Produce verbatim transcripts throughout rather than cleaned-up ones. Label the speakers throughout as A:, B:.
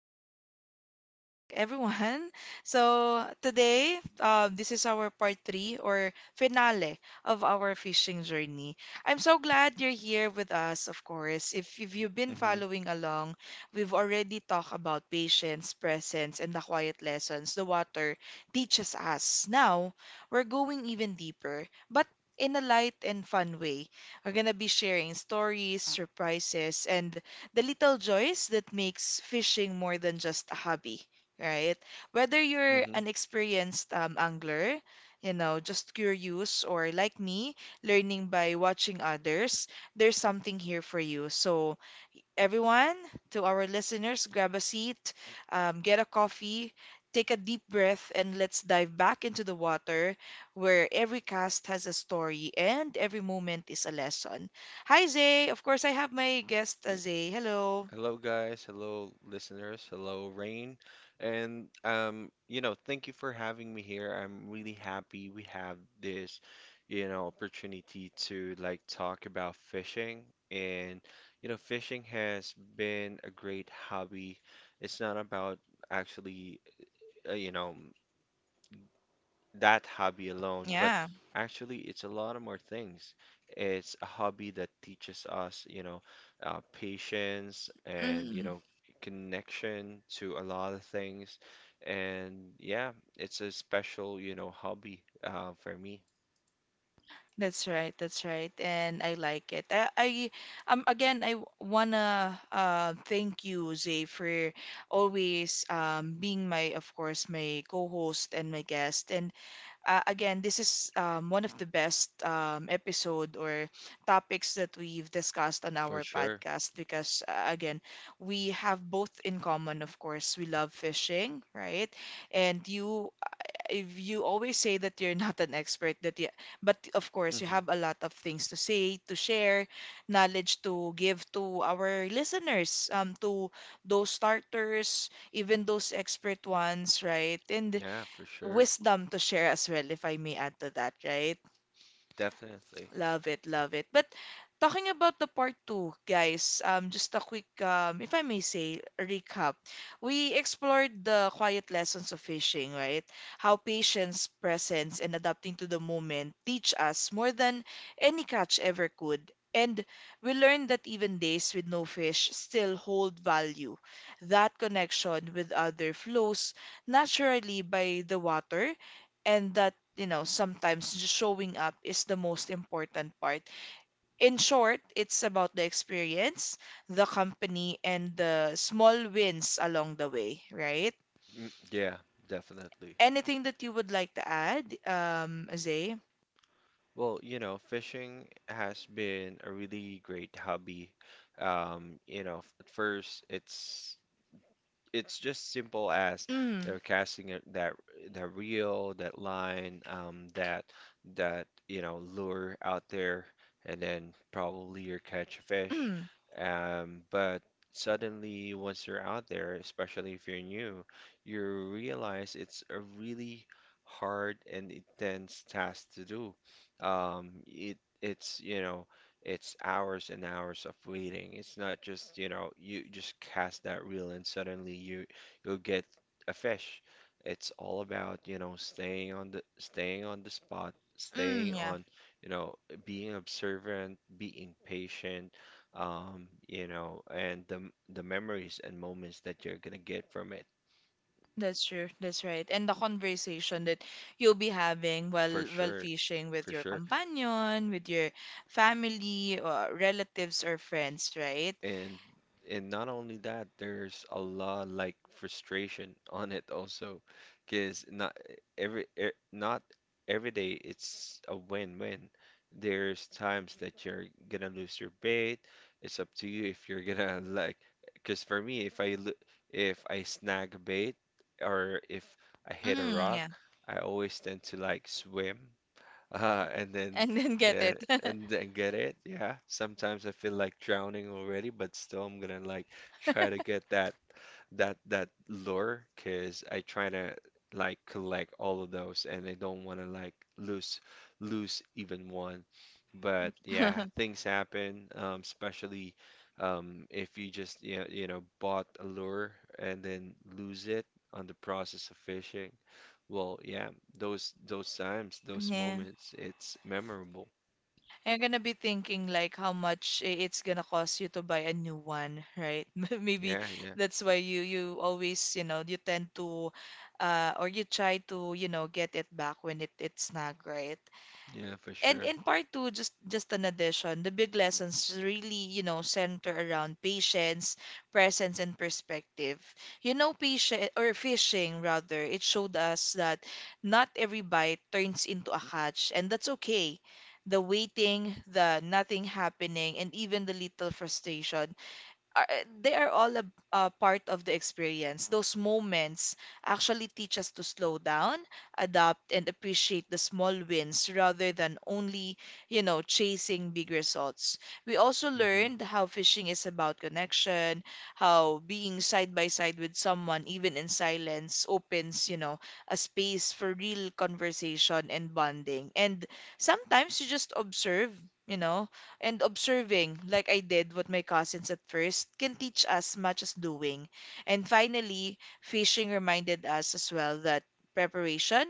A: Zay. Welcome back, everyone. So, today, uh, this is our part three or finale of our fishing journey. I'm so glad you're here with us, of course. If, if you've been
B: hmm
A: following along, we've already talked about patience, presence, and the quiet lessons the water teaches us. Now, we're going even deeper, but in a light and fun way, we're going to be sharing stories, surprises, and the little joys that makes fishing more than just a hobby, right? Whether you're
B: hmm
A: an experienced um, angler, you know, just curious, or like me, learning by watching others, there's something here for you. So, everyone, to our listeners, grab a seat, um, get a coffee, take a deep breath, and let's dive back into the water where every cast has a story and every moment is a lesson. Hi, Zay. Of course, I have my guest, uh, Zay. Hello.
B: Hello, guys. Hello, listeners. Hello, Rain. And um, you know, thank you for having me here. I'm really happy we have this, you know, opportunity to like talk about fishing. And you know, fishing has been a great hobby. It's not about actually, uh, you know, that hobby alone, but
A: Yeah.
B: actually, it's a lot of more things. It's a hobby that teaches us, you know, uh, patience and, you
A: Mm.
B: know, connection to a lot of things. And yeah, it's a special, you know, hobby uh, for me,
A: That's right, that's right. And I like it. I, I um again, I w- wanna uh thank you, Zay, for always um being my, of course, my co-host and my guest. And uh, again, this is um, one of the best um, episode or topics that we've discussed on
B: for
A: our
B: sure.
A: podcast because, uh, again, we have both in common. Of course, we love fishing, right? And you, if you always say that you're not an expert, that you, but of course, you
B: hmm
A: have a lot of things to say, to share, knowledge to give to our listeners, um, to those starters, even those expert ones, right? And
B: Yeah, for sure.
A: wisdom to share as well, if I may add to that, right?
B: Definitely.
A: Love it, love it. But talking about the part two, guys, um, just a quick, um, if I may say, recap. We explored the quiet lessons of fishing, right? How patience, presence, and adapting to the moment teach us more than any catch ever could. And we learned that even days with no fish still hold value. That connection with other flows naturally by the water, and that, you know, sometimes just showing up is the most important part. In short, it's about the experience, the company, and the small wins along the way, right?
B: Mm, yeah, definitely.
A: Anything that you would like to add, um, Zay?
B: Well, you know, fishing has been a really great hobby. Um, you know, f- at first it's it's just simple as
A: Mm.
B: they're casting it, that that reel, that line, um, that that you know lure out there, and then probably you catch a fish.
A: Mm.
B: Um, but suddenly, once you're out there, especially if you're new, you realize it's a really hard and intense task to do. Um, it it's you know it's hours and hours of waiting. It's not just, you know, you just cast that reel and suddenly you you'll get a fish. It's all about, you know, staying on the staying on the spot,
A: Mm,
B: staying
A: yeah,
B: on, you know, being observant, being patient, um, you know, and the m- the memories and moments that you're gonna get from it.
A: that's true. That's right. And the conversation that you'll be having
B: For
A: while while
B: sure.
A: fishing with
B: For
A: your
B: sure.
A: companion, with your family, or relatives or friends, right?
B: and and not only that, there's a lot like frustration on it also, because not every e- not every day it's a win-win. There's times that you're gonna lose your bait. It's up to you if you're gonna like. Because for me, if I lo- if I snag a bait or if I hit a
A: Mm,
B: rock,
A: yeah.
B: I always tend to like swim. Uh, and then
A: And then get
B: yeah,
A: it.
B: and then get it. Yeah. Sometimes I feel like drowning already, but still I'm gonna like try to get that that that lure because I try to like collect all of those and I don't want to like lose lose even one. But yeah, things happen, um, especially um, if you just you know, you know bought a lure and then lose it on the process of fishing. Well, yeah, those those times, those
A: Yeah.
B: moments, it's memorable.
A: You're gonna be thinking like how much i- it's gonna cost you to buy a new one, right? Maybe
B: Yeah, yeah,
A: that's why you you always, you know, you tend to uh or you try to, you know, get it back when it it's not right.
B: yeah, for
A: And
B: sure.
A: in part two, just just an addition, the big lessons really, you know, center around patience, presence, and perspective. You know, patient or fishing rather, it showed us that not every bite turns into a catch, and that's okay. The waiting, the nothing happening, and even the little frustration are, uh, they are all a, a part of the experience. Those moments actually teach us to slow down, adapt, and appreciate the small wins rather than only, you know, chasing big results. We also
B: hmm
A: learned how fishing is about connection, how being side by side with someone, even in silence, opens, you know, a space for real conversation and bonding. And sometimes you just observe. You know, and observing, like I did what my cousins at first, can teach us much as doing. And finally, fishing reminded us as well that preparation,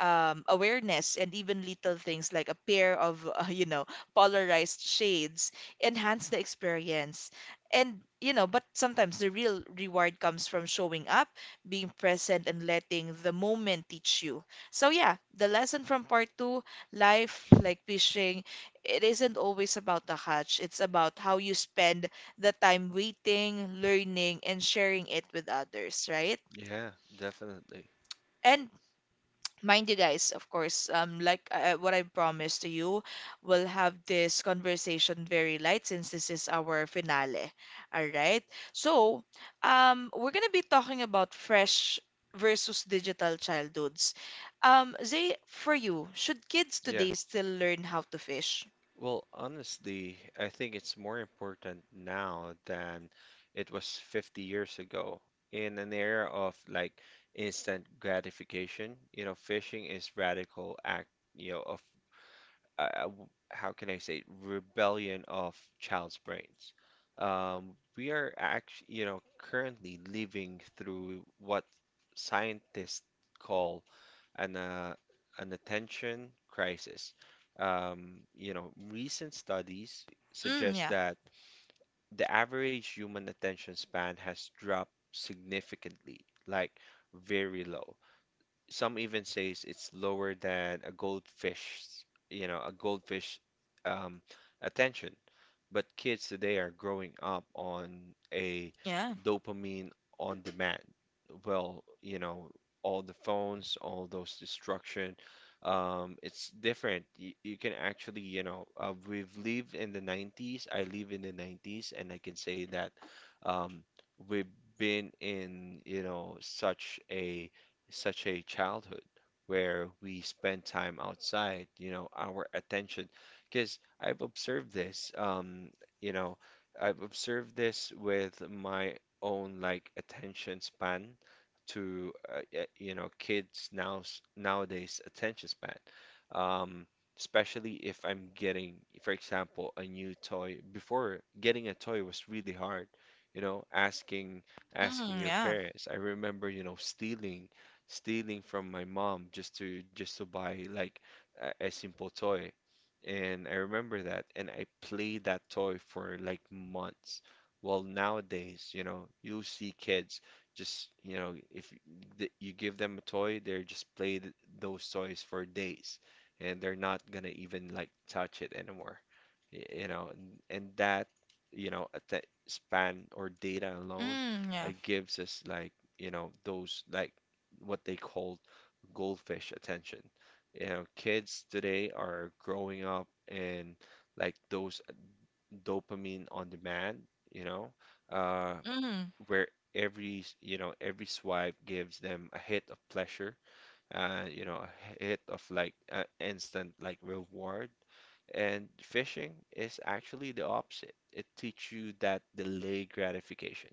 A: um, awareness, and even little things like a pair of uh, you know polarized shades enhance the experience, and you know but sometimes the real reward comes from showing up, being present, and letting the moment teach you. So yeah, the lesson from part two: life, like fishing, it isn't always about the catch. It's about how you spend the time waiting, learning, and sharing it with others, right?
B: Yeah, definitely.
A: And mind you, guys, of course, um like, uh, what I promised to you, we'll have this conversation very light since this is our finale, all right? So um we're gonna be talking about fresh versus digital childhoods. Um zay, for you, should kids
B: Yeah.
A: today still learn how to fish?
B: Well, honestly, I think it's more important now than it was fifty years ago. In an era of like instant gratification, you know, fishing is radical act, you know, of uh, how can I say, rebellion of child's brains. Um, we are actually, you know, currently living through what scientists call an uh, an attention crisis. Um, you know, recent studies
A: Mm,
B: suggest
A: yeah.
B: that the average human attention span has dropped significantly, like very low. Some even says it's lower than a goldfish's, you know, a goldfish um, attention. But kids today are growing up on a
A: Yeah.
B: dopamine on demand. Well, you know, all the phones, all those destruction, um, it's different. You, you can actually, you know, uh, we've lived in the nineties. I live in the nineties, and I can say that um, we've been in, you know, such a such a childhood where we spend time outside, you know, our attention. Because I've observed this, um, you know, I've observed this with my own like attention span to uh, y- you know kids now nowadays attention span. Um, especially if I'm getting, for example, a new toy. Before getting a toy was really hard, you know, asking asking
A: Mm,
B: your
A: yeah.
B: parents. I remember, you know, stealing stealing from my mom just to just to buy like a, a simple toy. And I remember that, and I played that toy for like months. Well, nowadays, you know, you see kids just, you know, if y- th- you give them a toy, they're just play th- those toys for days, and they're not gonna even like touch it anymore. Y- You know, and, and that, you know, at that span or data alone,
A: Mm, yeah.
B: uh, gives us like, you know, those like what they call goldfish attention. You know, kids today are growing up and like those dopamine on demand, you know, uh,
A: Mm.
B: where every, s- you know, every swipe gives them a hit of pleasure uh, you know, a hit of like uh, instant like reward. And fishing is actually the opposite. It teaches you that delayed gratification.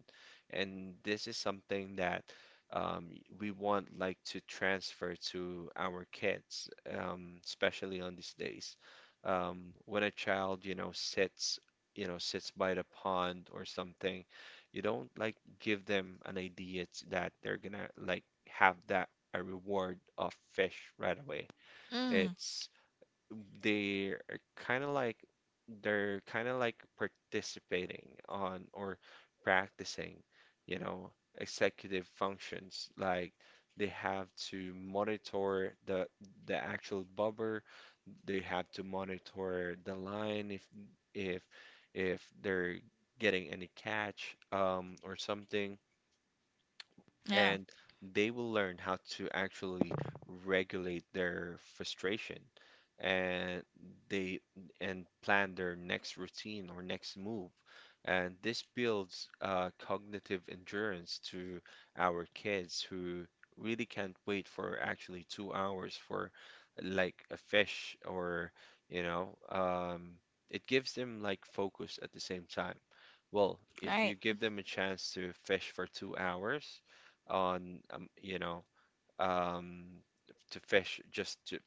B: And this is something that um, we want like to transfer to our kids, um, especially on these days. Um, when a child, you know, sits, you know, sits by the pond or something, you don't like give them an idea t- that they're gonna like have that a reward of fish right away.
A: Mm,
B: It's they're kind of like they're kind of like participating on or practicing, you know, executive functions. Like they have to monitor the the actual bobber. They have to monitor the line if if if they're getting any catch um, or something
A: yeah.
B: and they will learn how to actually regulate their frustration and they and plan their next routine or next move. And this builds uh, cognitive endurance to our kids who really can't wait for actually two hours for like a fish or you know um, it gives them like focus at the same time. Well, if you
A: Right.
B: give them a chance to fish for two hours, on um, you know um, to fish just to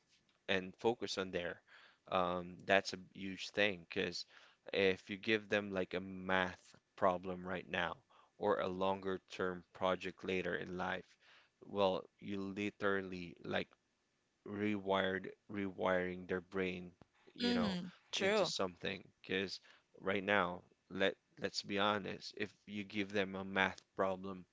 B: and focus on there. Um, that's a huge thing because if you give them like a math problem right now or a longer term project later in life, well, you literally like rewired rewiring their brain, you know,
A: Mm,
B: into
A: true.
B: something because right now, let let's be honest, if you give them a math problem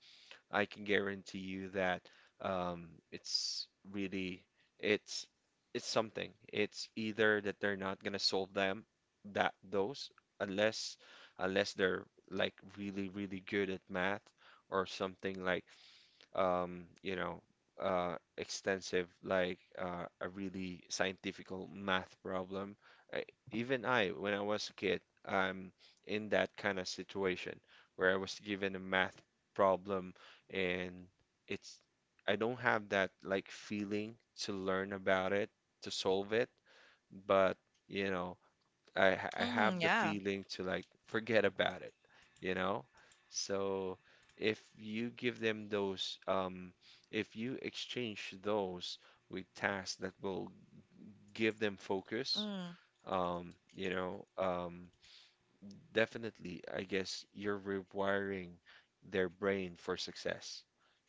B: I can guarantee you that um, it's really it's it's something. It's either that they're not gonna solve them that those unless unless they're like really really good at math or something like um, you know, uh, extensive, like uh, a really scientifical math problem. I, even I, when I was a kid, I'm in that kind of situation where I was given a math problem and it's, I don't have that like feeling to learn about it, to solve it, but you know, I ha- I have
A: Mm,
B: the
A: yeah.
B: feeling to like forget about it, you know? So if you give them those, um, if you exchange those with tasks that will give them focus,
A: Mm.
B: um, you know, um, definitely, I guess you're rewiring their brain for success.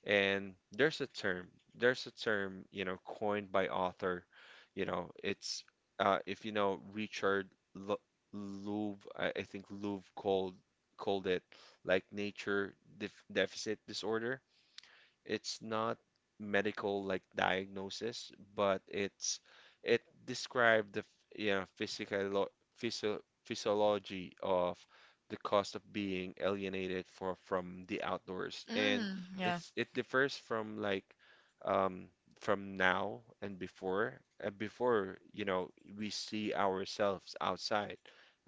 B: And there's a term, there's a term, you know, coined by author, you know, it's uh, if you know Richard Lu- Louv, I, I think Louv called called it like nature def deficit disorder. It's not medical like diagnosis, but it's it described the you know physical physio physiology of the cost of being alienated for from the outdoors, and
A: Mm, yeah.
B: it's it differs from like um, from now and before. Uh, before you know we see ourselves outside.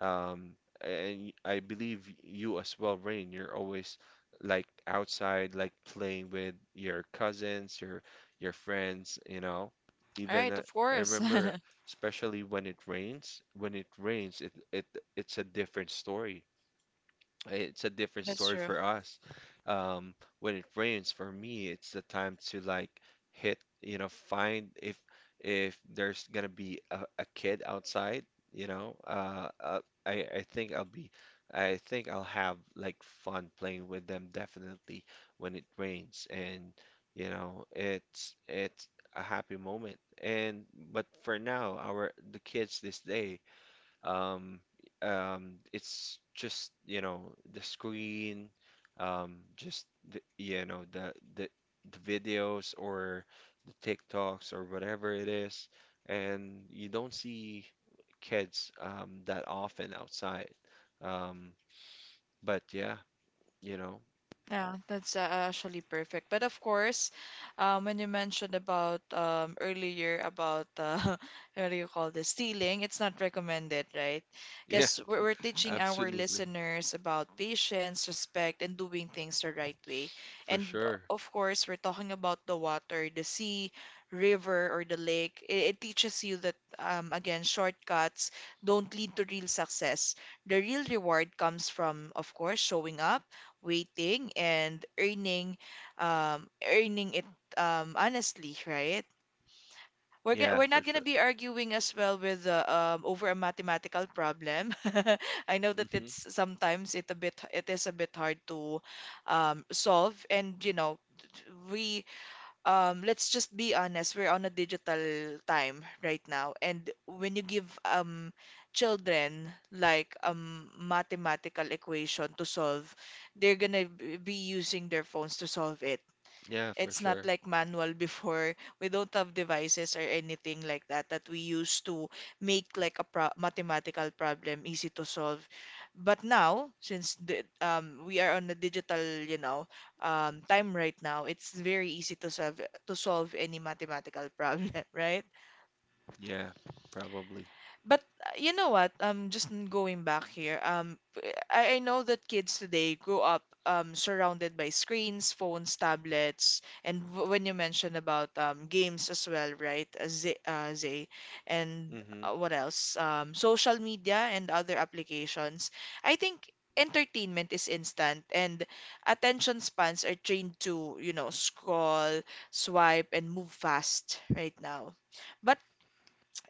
B: Um, and I believe you as well, Rain. You're always like outside, like playing with your cousins, your your friends, you know.
A: All
B: Even
A: right,
B: uh,
A: of
B: I
A: course.
B: remember, especially when it rains, when it rains, it it it's a different story it's a different
A: That's
B: story
A: true.
B: for us. Um, when it rains, for me, it's the time to like hit, you know, find if if there's gonna be a, a kid outside, you know, uh, uh, I I think I'll be, I think I'll have like fun playing with them definitely when it rains, and you know, it's it's a happy moment. And but for now, our the kids this day. Um, um, it's just, you know, the screen, um, just the, you know, the the the videos or the TikToks or whatever it is, and you don't see kids um that often outside. Um, but yeah, you know,
A: Yeah, that's uh, actually perfect. But of course, um, when you mentioned about, um, earlier, about uh, what do you call this, stealing, it's not recommended, right?
B: yeah,
A: Because we're, we're teaching our
B: absolutely,
A: listeners about patience, respect, and doing things the right way.
B: for
A: And uh,
B: sure.
A: of course, we're talking about the water, the sea, river, or the lake. It, it teaches you that, um, again, shortcuts don't lead to real success. The real reward comes from, of course, showing up, waiting, and earning um earning it, um honestly, right? we're go-
B: Yeah,
A: we're
B: for
A: not gonna
B: sure.
A: be arguing as well with uh, um over a mathematical problem. I know that
B: hmm
A: it's sometimes it a bit it is a bit hard to um solve, and you know, t- we, um, let's just be honest, we're on a digital time right now. And when you give um, children like a um, mathematical equation to solve, they're gonna b- be using their phones to solve it.
B: Yeah, for
A: It's not
B: sure.
A: like manual before. We don't have devices or anything like that that we use to make like a pro mathematical problem easy to solve. But now, since the, um, we are on the digital, you know, um, time right now, it's very easy to solve to solve any mathematical problem, right?
B: Yeah, probably.
A: But uh, you know what? Um, just n- going back here. Um, p- I, I know that kids today grow up um surrounded by screens, phones, tablets, and w when you mentioned about um games as well, right? Uh, Zay, uh, Zay, and
B: Mm-hmm.
A: uh, what else? Um, social media and other applications. I think entertainment is instant, and attention spans are trained to, you know, scroll, swipe, and move fast right now. But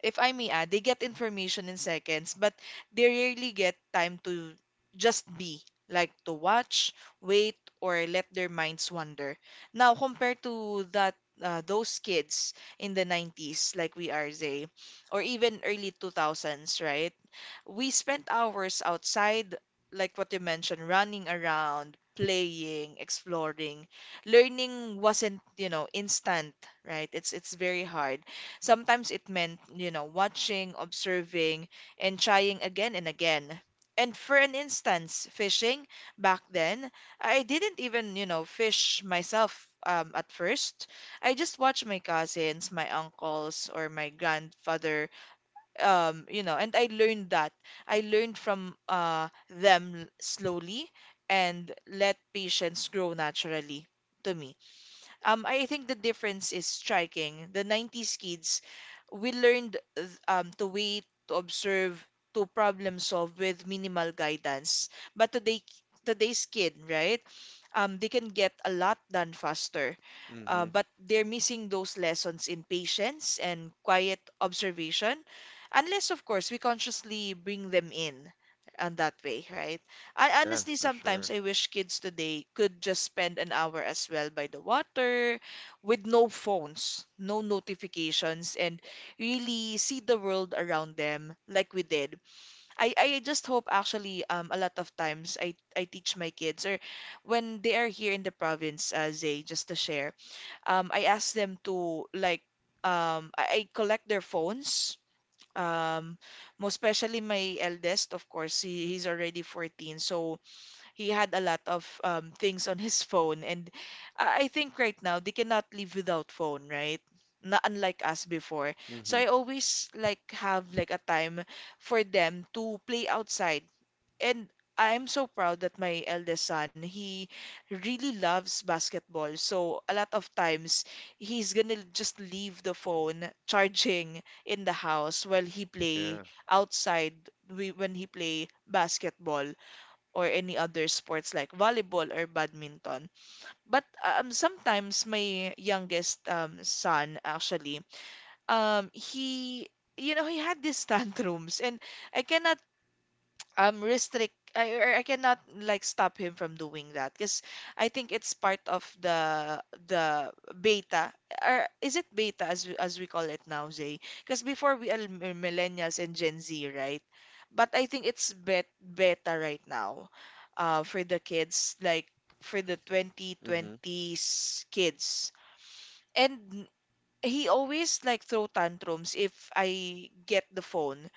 A: if I may add, they get information in seconds, but they rarely get time to just be, like to watch, wait, or let their minds wander. Now, compared to that, uh, those kids in the nineties, like we are, Zay, or even early two thousands, right? We spent hours outside, like what you mentioned, running around, playing, exploring. Learning wasn't, you know, instant, right? It's it's very hard. Sometimes it meant, you know, watching, observing, and trying again and again. And for an instance, fishing back then, I didn't even, you know, fish myself um, at first. I just watched my cousins, my uncles, or my grandfather, um you know, and I learned that I learned from uh them slowly and let patients grow naturally to me. um, I think the difference is striking. The nineties kids, we learned th- um, to wait, to observe, to problem solve with minimal guidance. But today, today's kid, right? Um, they can get a lot done faster, uh,
B: Mm-hmm.
A: but they're missing those lessons in patience and quiet observation, unless, of course, we consciously bring them in, and that way, right? I
B: Yeah,
A: honestly
B: for sure.
A: sometimes I wish kids today could just spend an hour as well by the water with no phones, no notifications, and really see the world around them like we did. I, I just hope, actually, um a lot of times I, I teach my kids, or when they are here in the province, uh, Zay, just to share, um I ask them to like, um I, I collect their phones. Um, most especially my eldest, of course, he, he's already fourteen. So he had a lot of um, things on his phone, and I I think right now they cannot live without phone, right? Not unlike us before. So
B: Mm-hmm.
A: I always like have like a time for them to play outside, and I'm so proud that my eldest son, he really loves basketball. So a lot of times he's gonna just leave the phone charging in the house while he play
B: Yeah.
A: outside we- when he play basketball or any other sports like volleyball or badminton. But um, sometimes my youngest um, son actually, um, he, you know, he had these tantrums, and I cannot um restrict I, or I cannot like stop him from doing that because I think it's part of the the beta, or is it beta, as we- as we call it now, Zay? Because before we are m- uh, millennials and Gen Z, right? But I think it's bet beta right now, uh for the kids, like for the
B: Mm-hmm.
A: twenty twenties kids. And he always like throw tantrums if I get the phone.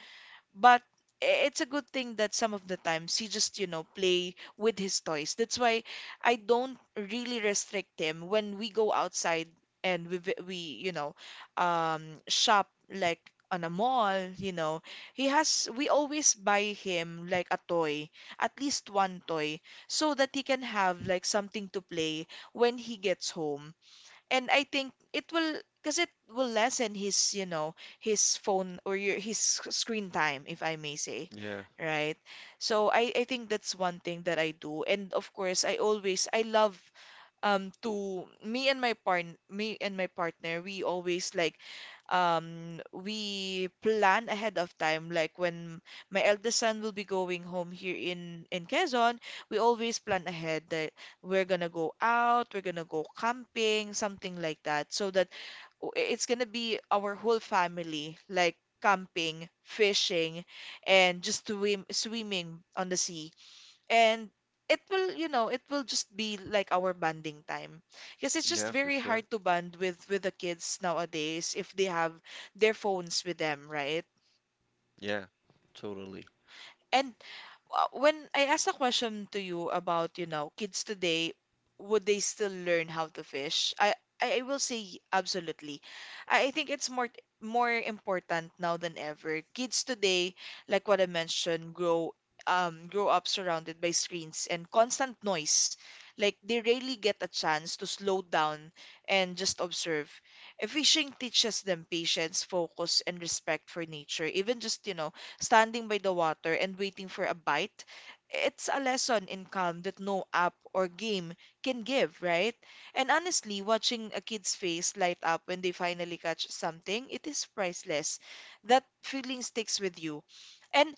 A: But i- it's a good thing that some of the times he just you know play with his toys. That's why I don't really restrict him when we go outside, and we vi- we you know um shop like on a mall you know He has, we always buy him like a toy, at least one toy, so that he can have like something to play when he gets home. And I think it will, because it will lessen his, you know, his phone, or your, his sc- screen time, if I may say,
B: Yeah.
A: right? So I, I think that's one thing that I do. And of course, I always, I love, um to me and my partner me and my partner, we always like, um we plan ahead of time, like when my eldest son will be going home here in in Quezon. We always plan ahead that we're gonna go out, we're gonna go camping, something like that, so that w- it's gonna be our whole family, like camping, fishing, and just swim swimming on the sea. And it will you know it will just be like our bonding time, because it's just
B: Yeah, for
A: very
B: sure.
A: hard to bond with with the kids nowadays if they have their phones with them, right?
B: Yeah, totally.
A: And, uh, when I asked a question to you about, you know, kids today, would they still learn how to fish? I I I will say absolutely. I, I think it's more more important now than ever. Kids today, like what I mentioned, grow um grow up surrounded by screens and constant noise. Like, they rarely get a chance to slow down and just observe. And fishing teaches them patience, focus, and respect for nature. Even just, you know, standing by the water and waiting for a bite, it's a lesson in calm that no app or game can give, right? And honestly, watching a kid's face light up when they finally catch something, it is priceless. That feeling sticks with you. And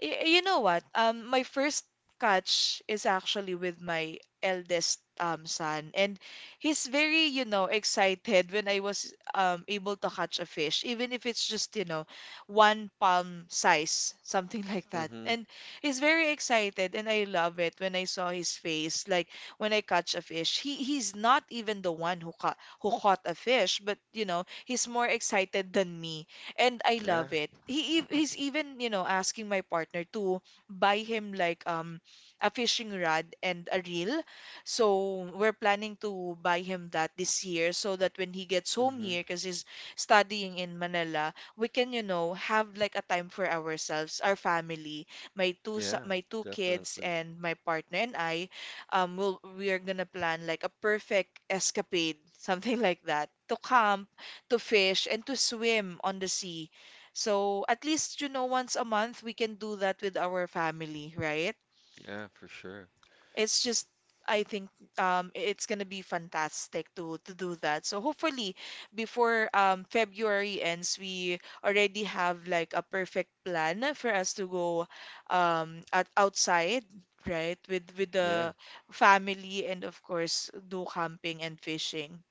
A: Y you know what? Um, my first catch is actually with my eldest um son, and he's very, you know, excited when I was um able to catch a fish, even if it's just, you know, one palm size, something like that.
B: Mm-hmm.
A: And he's very excited, and I love it when I saw his face, like when I catch a fish. He he's not even the one who caught who caught a fish, but you know, he's more excited than me, and I
B: Yeah.
A: love it. He ev- he's even, you know, asking my partner to buy him like, um a fishing rod and a reel. So we're planning to buy him that this year, so that when he gets home
B: Mm-hmm.
A: here, because he's studying in Manila, we can, you know, have like a time for ourselves, our family, my two so-
B: Yeah,
A: my two kids
B: definitely.
A: and my partner and I. um, we'll we are gonna plan like a perfect escapade, something like that, to camp, to fish, and to swim on the sea. So at least, you know, once a month we can do that with our family, right?
B: Yeah, for sure.
A: It's just, I think, um it's gonna be fantastic to to do that. So hopefully before um February ends, we already have like a perfect plan for us to go, um at outside, right? With with
B: Yeah.
A: the family, and of course do camping and fishing.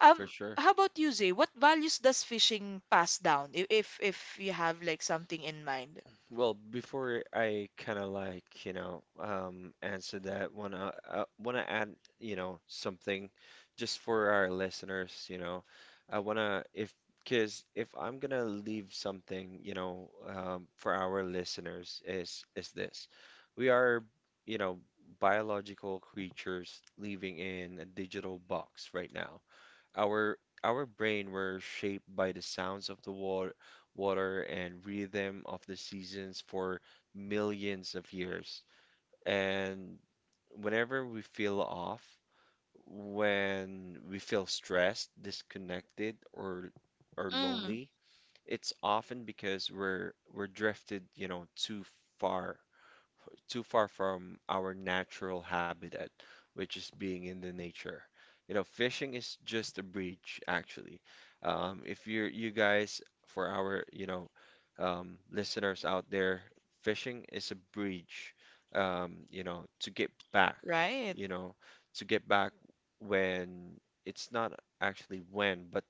A: Um,
B: For sure.
A: how about you, Zay? What values does fishing pass down? If if, if you have like something in mind?
B: Well, before I kind of like, you know, um, answer that, wanna uh, wanna add, you know, something just for our listeners, you know. I wanna if because if I'm gonna leave something, you know, um, for our listeners is is this. We are, you know, biological creatures living in a digital box right now. Our our brain were shaped by the sounds of the water, water and rhythm of the seasons for millions of years. And whenever we feel off, when we feel stressed, disconnected, or or
A: Mm,
B: lonely, it's often because we're we're drifted, you know, too far too far from our natural habitat, which is being in the nature. You know, fishing is just a bridge, actually. Um, if you're you guys, for our you know um, listeners out there, fishing is a bridge. Um, you know, to get back,
A: right?
B: you know, to get back when it's not actually when, but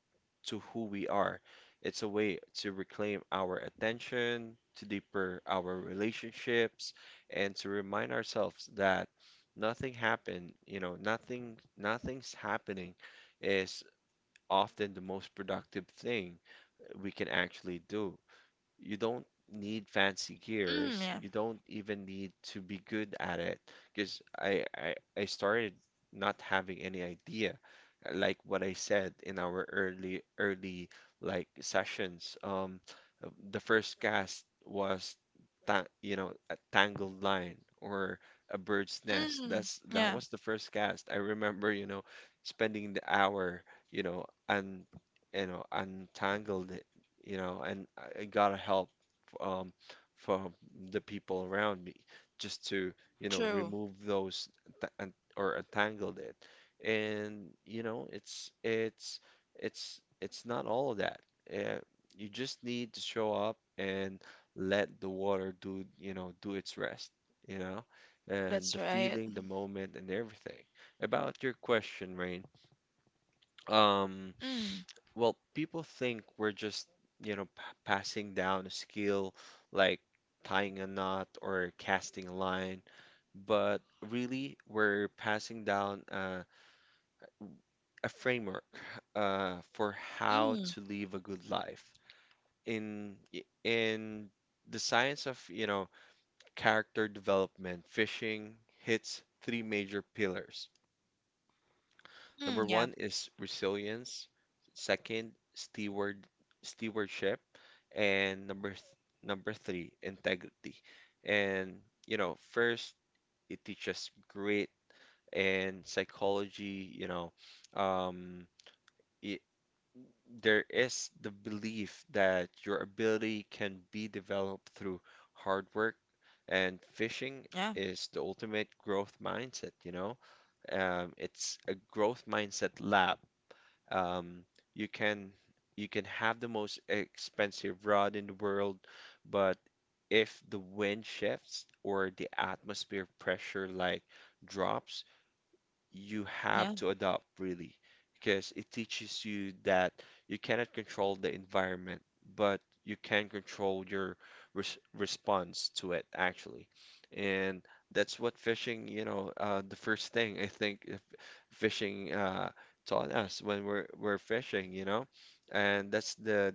B: to who we are. It's a way to reclaim our attention, to deeper our relationships, and to remind ourselves that nothing happened, you know, nothing nothing's happening is often the most productive thing we can actually do. You don't need fancy
A: Mm,
B: gears.
A: yeah.
B: You don't even need to be good at it because I, I I started not having any idea. uh, Like what I said in our early early like sessions, um, uh, the first cast was ta you know a tangled line or a bird's nest.
A: Mm,
B: That's that
A: yeah.
B: was the first cast. I remember, you know, spending the hour, you know, and you know untangled you know, and I I gotta help um, from the people around me just to, you know,
A: True.
B: remove those th- and- or entangled it. And you know, it's it's it's it's not all of that. Uh, you just need to show up and let the water do, you know, do its rest, you know, and
A: That's
B: the
A: right.
B: feeling, the moment, and everything. About your question, Rain. Um,
A: Mm,
B: well, people think we're just, you know, p passing down a skill like tying a knot or casting a line, but really we're passing down uh, a framework uh, for how
A: mm,
B: to live a good life. In i- in the science of, you know, character development, fishing hits three major pillars.
A: mm,
B: Number
A: yeah.
B: one is resilience, second, steward stewardship, and number th number three, integrity. And you know, first it teaches grit and psychology, you know, um, it, there is the belief that your ability can be developed through hard work, and fishing
A: Yeah.
B: is the ultimate growth mindset, you know. Um, it's a growth mindset lab um, you can you can have the most expensive rod in the world, but if the wind shifts or the atmosphere pressure like drops, you
A: Yeah.
B: have to adopt really because it teaches you that you cannot control the environment, but you can control your res response to it actually. And that's what fishing, you know, uh, the first thing I think if fishing uh, taught us when we're we're fishing, you know, and that's the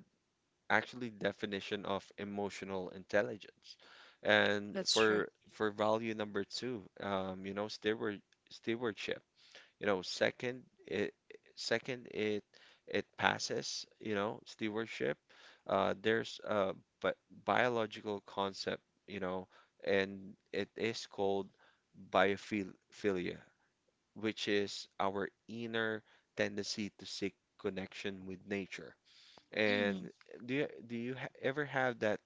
B: actually definition of emotional intelligence. And
A: That's true.
B: for for value number two, um, you know, steward stewardship you know, second it second it it passes, you know, stewardship. Uh, there's a bi biological concept, you know, and it is called biophilia, which is our inner tendency to seek connection with nature.
A: Mm,
B: And do you, do you ha ever have that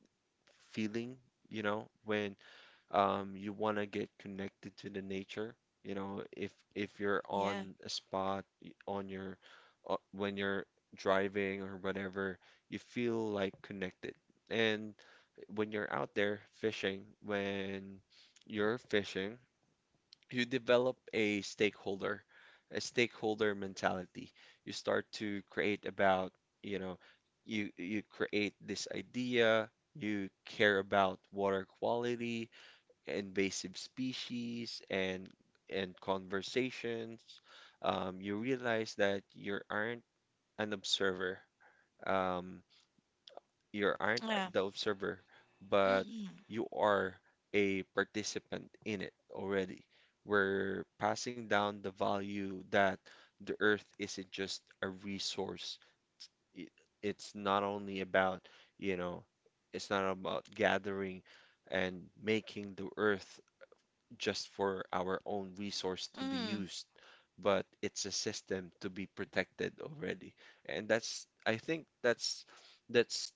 B: feeling, you know, when um, you want to get connected to the nature. You know, if if you're
A: yeah.
B: on a spot y- on your uh, when you're driving or whatever, you feel like connected. And when you're out there fishing, when you're fishing, you develop a stakeholder, a stakeholder mentality. You start to create about, you know, you you create this idea, you care about water quality invasive species and and conversations, um, you realize that you aren't an observer. Um, you aren't
A: Yeah.
B: the observer, but
A: Mm,
B: you are a participant in it already. We're passing down the value that the earth isn't just a resource. It, it's not only about, you know, it's not about gathering and making the earth just for our own resource to be
A: mm,
B: used, but it's a system to be protected already. And that's, I think that's that's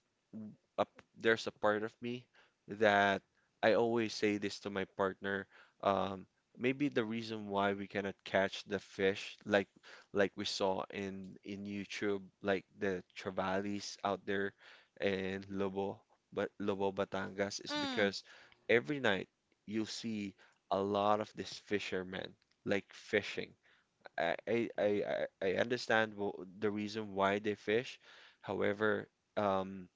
B: a, there's a part of me that I always say this to my partner. Um, Maybe the reason why we cannot catch the fish like like we saw in in YouTube, like the Travalis out there and Lobo, but Lobo Batangas
A: mm,
B: is
A: mm,
B: because every night you see a lot of these fishermen like fishing. I I I I I understand wh- the reason why they fish. However, um,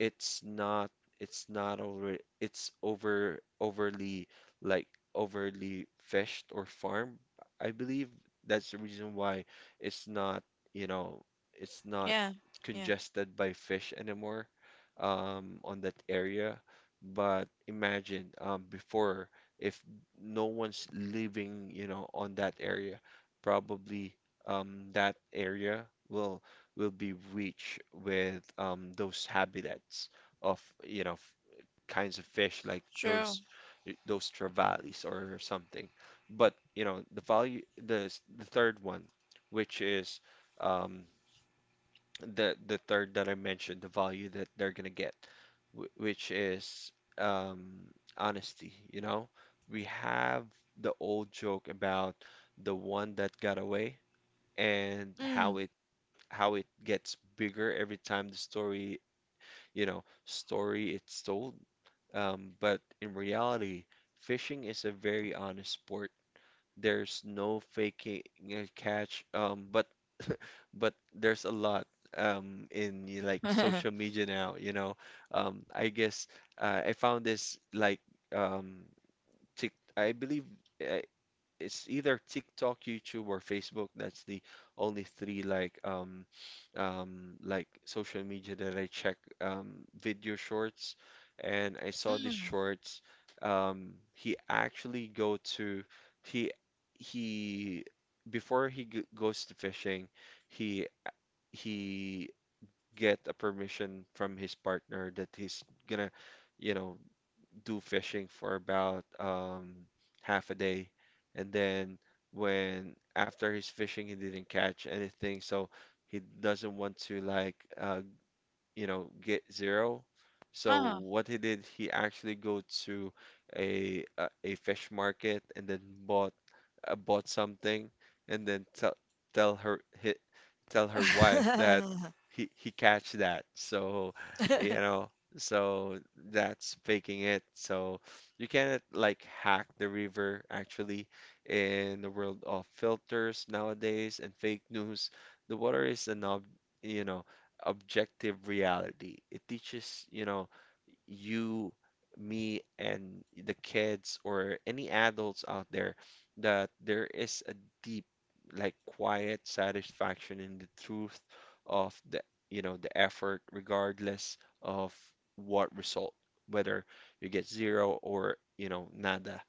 B: it's not it's not over, it's over overly like overly fished or farmed. I believe that's the reason why it's not, you know, it's not
A: yeah. Yeah.
B: congested by fish anymore um, on that area. But imagine um, before if no one's living, you know, on that area probably um, that area will will be rich with um, those habitats of you know f- kinds of fish like
A: True.
B: those those trevallies or something. But you know the value the s- the third one, which is um, the the third that I mentioned, the value that they're gonna get, wh- which is um, honesty. You know, we have the old joke about the one that got away and
A: Mm.
B: how it how it gets bigger every time the story, you know, story it's told. Um, but in reality, fishing is a very honest sport. There's no faking a catch, um, but but there's a lot um in y- like social media now, you know. Um, I guess uh, I found this like um tick I believe. uh, it's either TikTok, YouTube, or Facebook. That's the only three like um um like social media that I check. Um, video shorts, and I saw this
A: Mm.
B: shorts. Um, he actually go to he he before he g goes to fishing, he he get a permission from his partner that he's gonna you know do fishing for about um, half a day, and then when after his fishing he didn't catch anything, so he doesn't want to like uh, you know, get zero. So
A: Uh-huh.
B: what he did, he actually go to a a, a fish market and then bought uh, bought something and then tell tell her he, tell her wife that he he catch that. So, you know, so that's faking it. So you cannot like hack the river actually in the world of filters nowadays and fake news. The water is an ob you know objective reality. It teaches, you know, you, me, and the kids or any adults out there that there is a deep, like quiet satisfaction in the truth of the, you know, the effort, regardless of what result, whether you get zero or, you know, nada.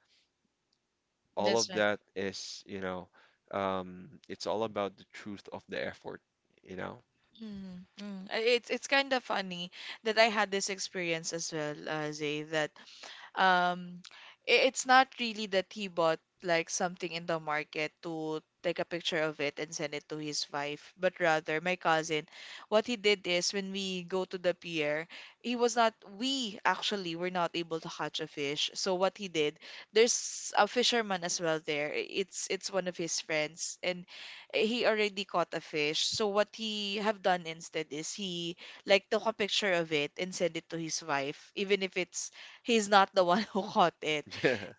B: All
A: That's
B: of
A: right.
B: that is, you know, um, it's all about the truth of the effort, you know?
A: Mm, mm. I- It's it's kind of funny that I had this experience as well, uh, Zay. That Um, I- it's not really that he bought like something in the market to take a picture of it and send it to his wife, but rather my cousin. What he did is, when we go to the pier, he was not, we actually were not able to catch a fish. So what he did, there's a fisherman as well there. I- It's it's one of his friends, and he already caught a fish. So what he have done instead is, he like took a picture of it and send it to his wife, even if it's he's not the one who caught it.
B: Yeah.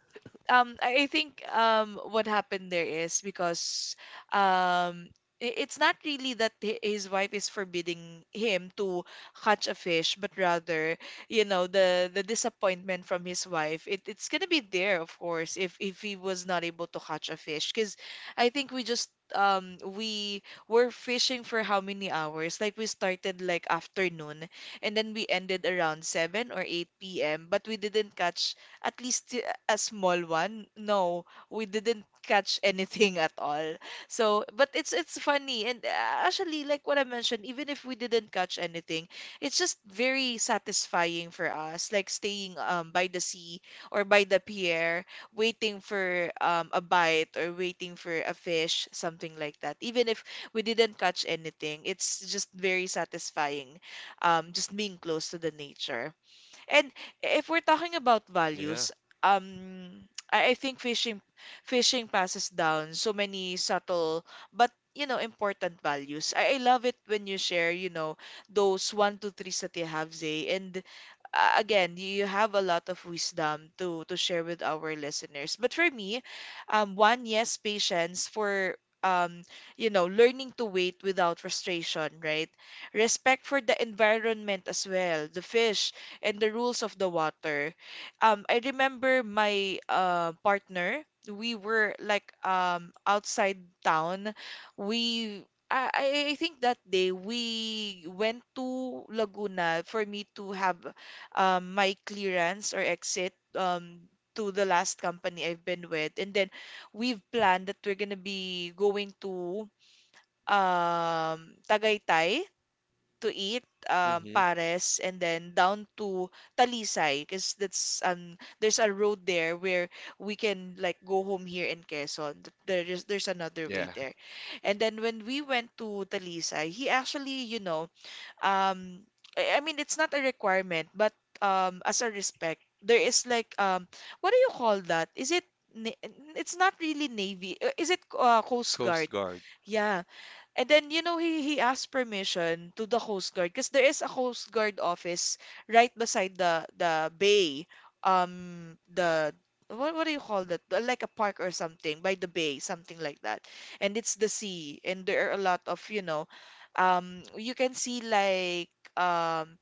A: um I I think, um what happened there is because, um i- it's not really that hi- his wife is forbidding him to catch a fish, but rather, you know, the the disappointment from his wife. It, it's gonna be there, of course, if if he was not able to catch a fish, because I think we just um we were fishing for how many hours? Like, we started like afternoon, and then we ended around seven or eight p m. But we didn't catch at least, uh, a small one. No, we didn't catch anything at all. So, but it's it's funny. And, uh, actually, like what I mentioned, even if we didn't catch anything, it's just very satisfying for us, like staying, um by the sea or by the pier, waiting for, um a bite, or waiting for a fish, something like that. Even if we didn't catch anything, it's just very satisfying, um just being close to the nature. And if we're talking about
B: Yeah.
A: values, um, I, I think fishing fishing passes down so many subtle but, you know important values. I, I love it when you share, you know, those one, two, threes that you have, Zay, and, uh, again, you have a lot of wisdom to to share with our listeners. But for me, um, one, yes, patience for, um, you know, learning to wait without frustration, right? Respect for the environment as well, the fish and the rules of the water. Um, I remember my, uh, partner. We were like, um outside town. We I I I think that day we went to Laguna for me to have, um, my clearance or exit, um, to the last company I've been with. And then we've planned that we're gonna be going to, um, Tagaytay, to eat, um,
B: Hmm.
A: pares, and then down to Talisay, because that's um there's a road there where we can like go home here in Quezon. Th- There is there's another way
B: Yeah.
A: there. And then when we went to Talisay, he actually, you know, um I I mean, it's not a requirement, but, um as a respect there is like, um what do you call that? Is it na- it's not really navy. uh, Is it, uh, coast
B: Coast
A: guard?
B: Guard.
A: Yeah. And then, you know, he, he asked permission to the Coast Guard, because there is a Coast Guard office right beside the the bay. Um, the what what do you call that? Uh, Like a park or something by the bay, something like that. And it's the sea, and there are a lot of, you know, um, you can see like, um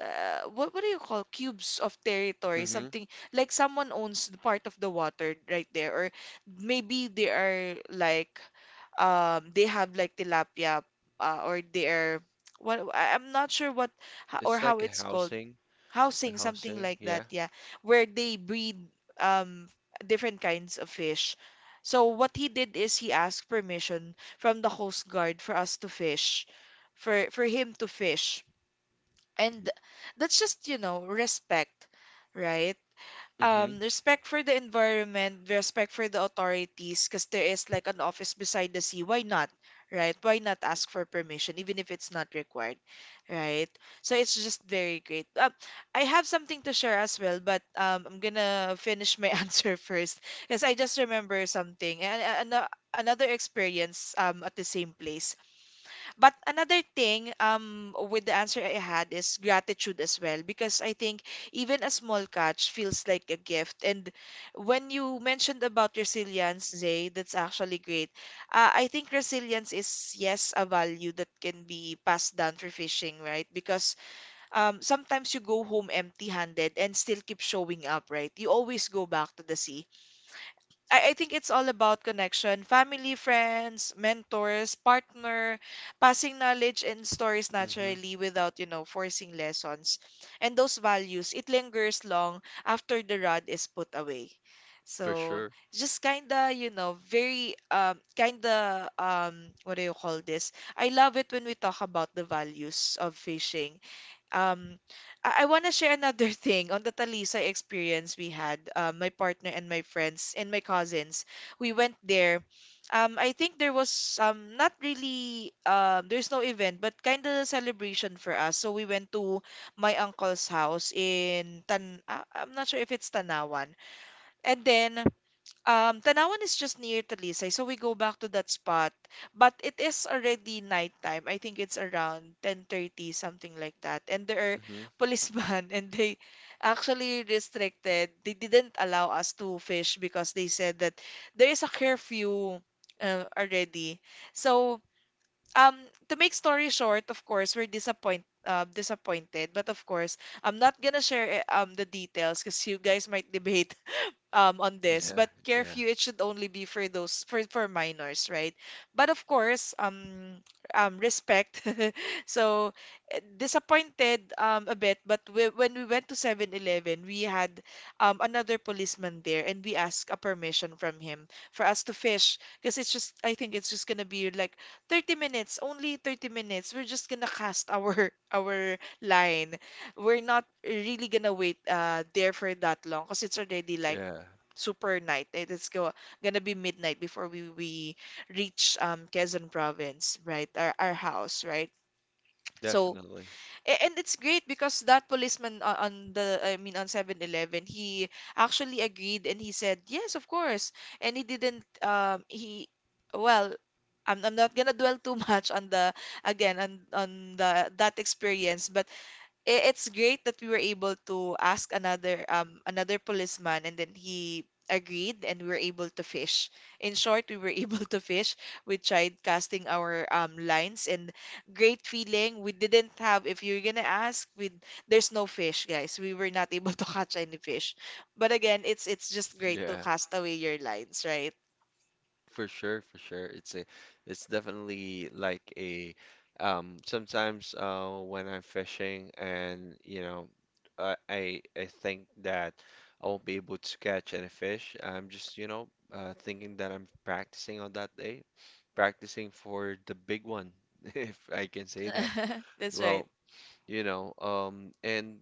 A: uh, what what do you call cubes of territory?
B: Mm-hmm.
A: Something like someone owns the part of the water right there, or maybe they are like, um they have like tilapia, uh, or they are what, I- I'm not sure what, ho- or
B: It's
A: how
B: like a
A: it's called.
B: housing. A
A: Housing, something
B: housing.
A: like
B: Yeah.
A: that, yeah, where they breed, um different kinds of fish. So what he did is, he asked permission from the Coast Guard for us to fish, for for him to fish. And that's just, you know, respect, right?
B: Mm-hmm.
A: Um, respect for the environment, respect for the authorities, because there is like an office beside the sea. Why not, right? Why not ask for permission, even if it's not required, right? So it's just very great. Uh, I have something to share as well, but, um, I'm gonna finish my answer first, because I just remember something, and, and uh, another experience, um, at the same place. But another thing, um with the answer I had, is gratitude as well, because I think even a small catch feels like a gift. And when you mentioned about resilience, Zay, that's actually great. Uh, I think resilience is, yes, a value that can be passed down for fishing, right? Because, um sometimes you go home empty-handed and still keep showing up, right? You always go back to the sea. I, I think it's all about connection. Family, friends, mentors, partner, passing knowledge and stories
B: Mm-hmm.
A: naturally without, you know, forcing lessons. And those values, it lingers long after the rod is put away.
B: For
A: So
B: sure.
A: just kinda, you know, very, um kinda, um what do you call this? I love it when we talk about the values of fishing um, I, I want to share another thing on the Talisa experience we had. Um, my partner and my friends and my cousins, we went there. Um, I think there was um not really um there's no event but kind of celebration for us. So we went to my uncle's house in Tan. ah, I'm not sure if it's Tanawan. And then um, Tanawan is just near Talisay, so we go back to that spot. But it is already nighttime. I think it's around ten thirty, something like that. And there are
B: Mm-hmm.
A: policemen, and they actually restricted. They didn't allow us to fish because they said that there is a curfew uh, already. So, um, to make story short, of course, we're disappointed. Uh, disappointed, but of course, I'm not gonna share eh, um the details because you guys might debate um on this,
B: Yeah.
A: but
B: Yeah.
A: curfew it should only be for those for for minors, right? But of course, um um respect. So eh, disappointed um a bit, but we, when we went to Seven Eleven, we had um another policeman there and we asked a permission from him for us to fish because it's just I think it's just gonna be like thirty minutes, only thirty minutes. We're just gonna cast our our line. We're not really gonna wait uh there for that long because it's already like
B: Yeah.
A: super night. It is go, gonna be midnight before we we reach um Quezon province, right? Our our house, right? So
B: Definitely.
A: a- and it's great because that policeman o- on the I mean on Seven Eleven, he actually agreed and he said, "Yes, of course." And he didn't um he well I'm, I'm not gonna dwell too much on the again on on the that experience but i- it's great that we were able to ask another um another policeman and then he agreed and we were able to fish. In short, we were able to fish. We tried casting our um lines and great feeling. We didn't have If you're gonna ask, we there's no fish, guys. We were not able to catch any fish. But again, it's it's just great to
B: Yeah.
A: cast away your lines, right?
B: For sure, for sure. It's a, it's definitely like a, um, sometimes uh, when I'm fishing and you know, I, I I think that I won't be able to catch any fish. I'm just, you know, uh, thinking that I'm practicing on that day, practicing for the big one, if I can say that.
A: That's right.
B: Well, you know, um, and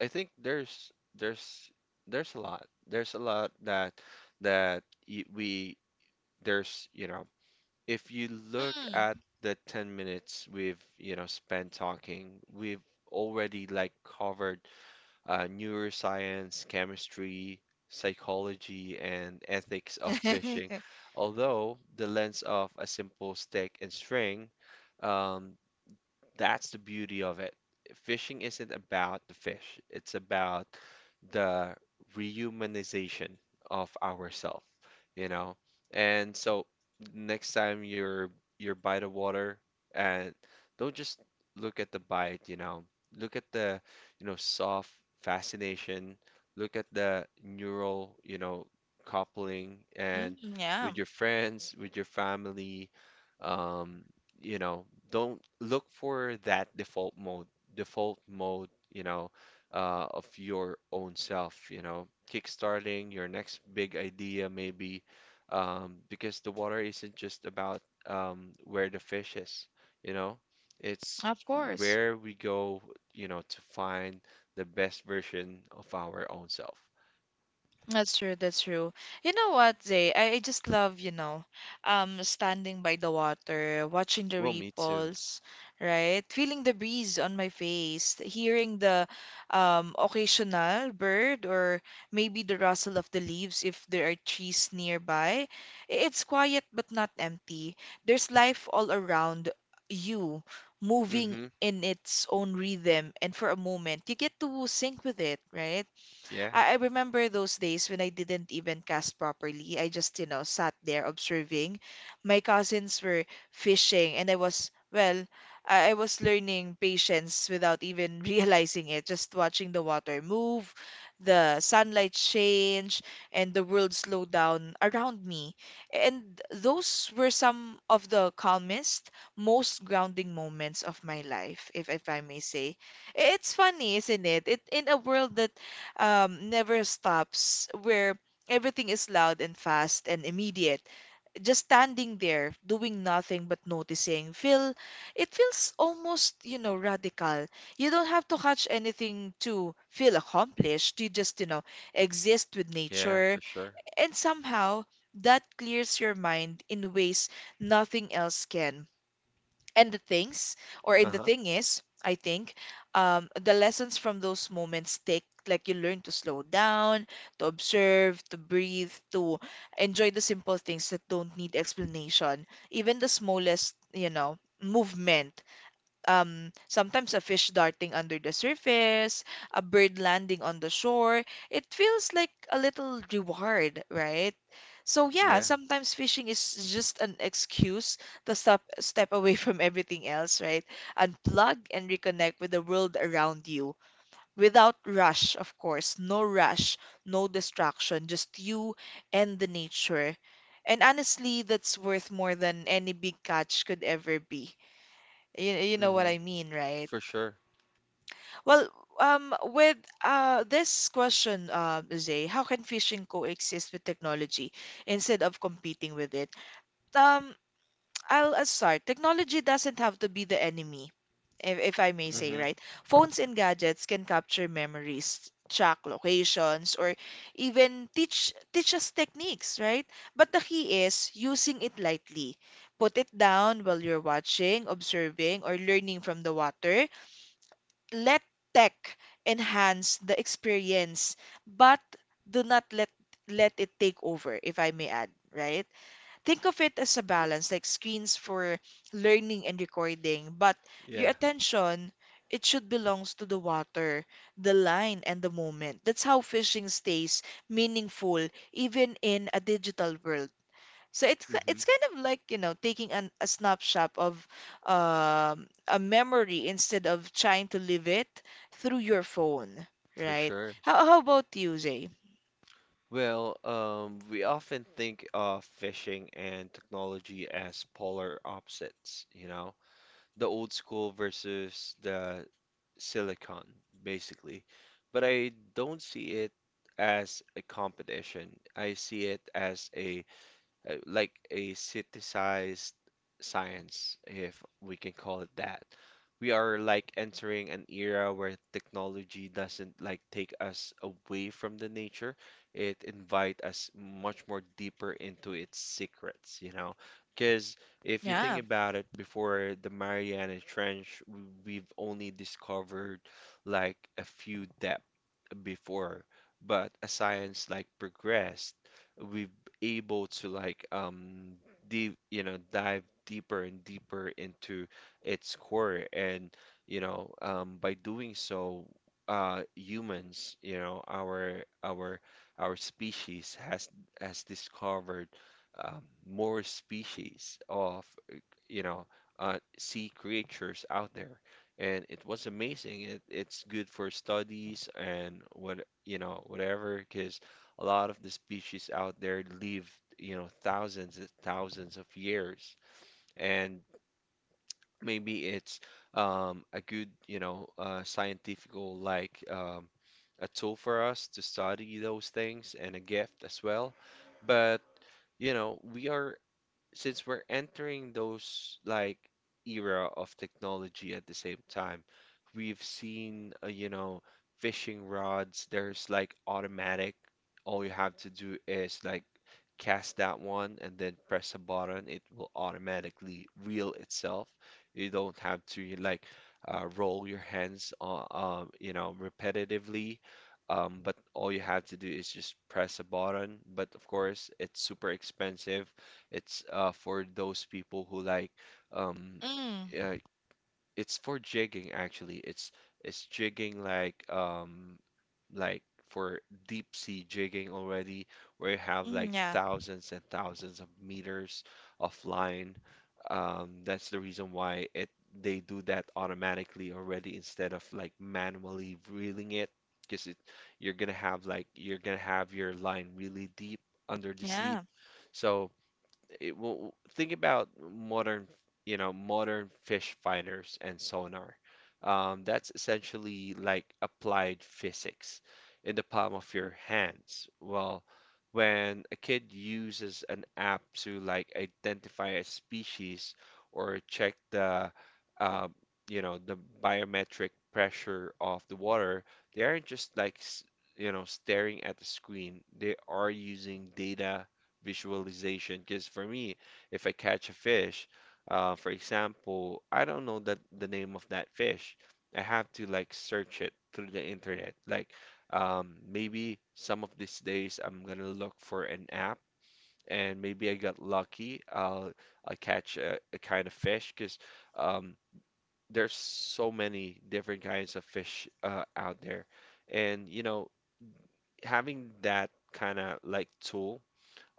B: I think there's there's there's a lot, there's a lot that that y- we there's you know if you look at
A: Mm.
B: the ten minutes we've, you know, spent talking, we've already like covered uh, neuroscience, chemistry, psychology, and ethics of fishing. Although the lens of a simple stick and string, um, that's the beauty of it. Fishing isn't about the fish, it's about the rehumanization of ourselves, you know? And so next time you're you're by the water and don't just look at the bite, you know. Look at the, you know, soft fascination, look at the neural, you know, coupling
A: Mm,
B: and
A: yeah,
B: with your friends, with your family, um, you know, don't look for that default mode, default mode, you know, uh, of your own self, you know, kickstarting your next big idea maybe, um, because the water isn't just about um, where the fish is, you know, it's
A: of course.
B: where we go, you know, to find the best version of our own self.
A: That's true, that's true. You know what, Zay? I, I just love, you know, um, standing by the water, watching the
B: Well, me too.
A: ripples, right? Feeling the breeze on my face, hearing the um, occasional bird or maybe the rustle of the leaves if there are trees nearby. I- It's quiet but not empty. There's life all around you, moving
B: Mm-hmm.
A: in its own rhythm, and for a moment, you get to sync with it, right?
B: Yeah,
A: I, I remember those days when I didn't even cast properly. I just, you know, sat there observing. My cousins were fishing and I was, well, I, I was learning patience without even realizing it, just watching the water move, the sunlight change, and the world slow down around me. And those were some of the calmest, most grounding moments of my life, if if I may say. It's funny, isn't it? It in a world that um, never stops, where everything is loud and fast and immediate. Just standing there, doing nothing but noticing, feel it feels almost, you know, radical. You don't have to catch anything to feel accomplished. You just, you know, exist with
B: yeah,
A: nature,
B: for sure.
A: and somehow that clears your mind in ways nothing else can. And the things or in the
B: Uh-huh.
A: thing is I think, um, the lessons from those moments take, like, you learn to slow down, to observe, to breathe, to enjoy the simple things that don't need explanation, even the smallest you know movement, um, sometimes a fish darting under the surface, a bird landing on the shore. It feels like a little reward, right? So yeah,
B: Yeah.
A: sometimes fishing is just an excuse to step step away from everything else, right? Unplug and reconnect with the world around you without rush, of course. No rush, no distraction, just you and the nature. And honestly, that's worth more than any big catch could ever be. You, you know what
B: Hmm.
A: I mean, right?
B: For sure.
A: Well, um, with uh, this question, uh, Zay, how can fishing coexist with technology instead of competing with it? Um, I'll, i start. Technology doesn't have to be the enemy, if, if I may say,
B: Hmm.
A: right? Phones and gadgets can capture memories, track locations, or even teach teach us techniques, right? But the key is using it lightly. Put it down while you're watching, observing, or learning from the water. Let tech enhance the experience, but do not let let it take over, if I may add, right? Think of it as a balance, like screens for learning and recording, but your
B: Yeah.
A: attention, it should belongs to the water, the line, and the moment. That's how fishing stays meaningful even in a digital world. So it's ki-
B: Hmm.
A: it's kind of like, you know, taking an, a snapshot of um, a memory instead of trying to live it through your phone,
B: For
A: right?
B: sure.
A: How how about you, Zay?
B: Well, um, we often think of fishing and technology as polar opposites, you know, the old school versus the silicon, basically. But I don't see it as a competition. I see it as a uh, like a synthesized science, if we can call it that. We are like entering an era where technology doesn't like take us away from the nature. It invite us much more deeper into its secrets, you know. Because if you
A: Yeah.
B: think about it, before the Mariana Trench, w- we've only discovered like a few depth before, but as science like progressed, we've able to like um deep, you know, dive deeper and deeper into its core. And, you know, um, by doing so, uh, humans, you know, our our our species has has discovered um, more species of, uh, you know, uh, sea creatures out there. And it was amazing. It, it's good for studies and what, you know, whatever, because a lot of the species out there live, you know, thousands and thousands of years. And maybe it's um, a good, you know, uh, scientifical like um, a tool for us to study those things and a gift as well. But you know, we are since we're entering those like era of technology at the same time, we've seen uh, you know fishing rods. There's like automatic. All you have to do is like cast that one and then press a button. It will automatically reel itself. You don't have to like uh, roll your hands on, um, you know, repetitively. Um, but all you have to do is just press a button. But of course, it's super expensive it's uh, for those people who like um
A: Mm,
B: uh, it's for jigging actually. It's it's jigging like um like for deep sea jigging already, where you have like
A: mm, yeah.
B: thousands and thousands of meters of line. Um, that's the reason why it they do that automatically already instead of like manually reeling it, because it you're gonna have like you're gonna have your line really deep under the sea.
A: Yeah.
B: So it will think about modern, you know, modern fish finders and sonar. Um, that's essentially like applied physics in the palm of your hands. Well, when a kid uses an app to like identify a species or check the, uh, you know, the biometric pressure of the water, they aren't just like, s- you know, staring at the screen. They are using data visualization. Because for me, if I catch a fish, uh, for example, I don't know that the name of that fish. I have to like search it through the internet. Like um, maybe some of these days I'm gonna look for an app, and maybe I got lucky. I'll I'll catch a, a kind of fish because um, there's so many different kinds of fish uh, out there, and you know, having that kind of like tool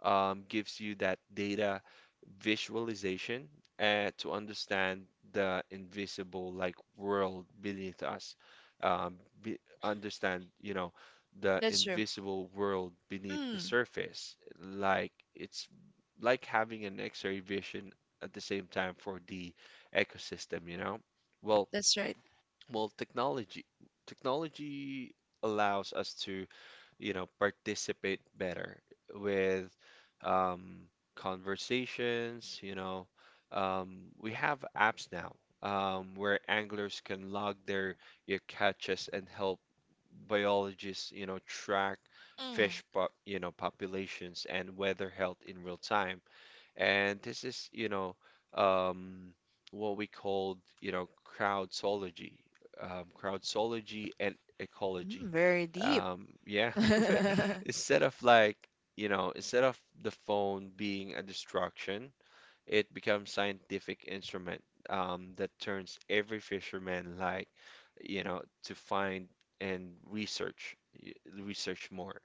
B: um, gives you that data visualization uh, to understand the invisible like world beneath us. Um, be, understand, you know, the
A: That's true.
B: invisible world beneath the
A: Mm,
B: surface. Like it's like having an X-ray vision at the same time for the ecosystem, you know? Well,
A: that's right.
B: well, technology technology allows us to, you know, participate better with um, conversations. You know, um, we have apps now um, where anglers can log their, your catches and help biologists, you know, track
A: Mm,
B: fish, po you know, populations and weather health in real time. And this is, you know, um, what we called, you know, crowdsology, um, crowdsology and
A: mm,
B: ecology.
A: very deep.
B: Um, yeah, instead of like, you know, instead of the phone being a distraction, it becomes scientific instrument um, that turns every fisherman like, you know, to find and research, y- research more,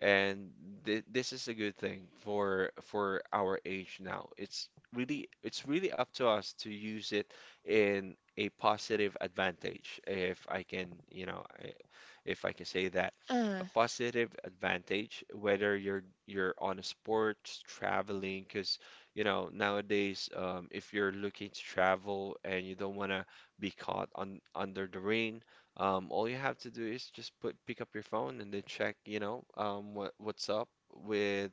B: and th this is a good thing for for our age now. It's really it's really up to us to use it in a positive advantage, if I can, you know, I- if I can say that, a
A: Mm,
B: positive advantage, whether you're you're on a sport, traveling, because you know nowadays, um, if you're looking to travel and you don't want to be caught on under the rain, um, all you have to do is just put pick up your phone and then check, you know, um, what what's up with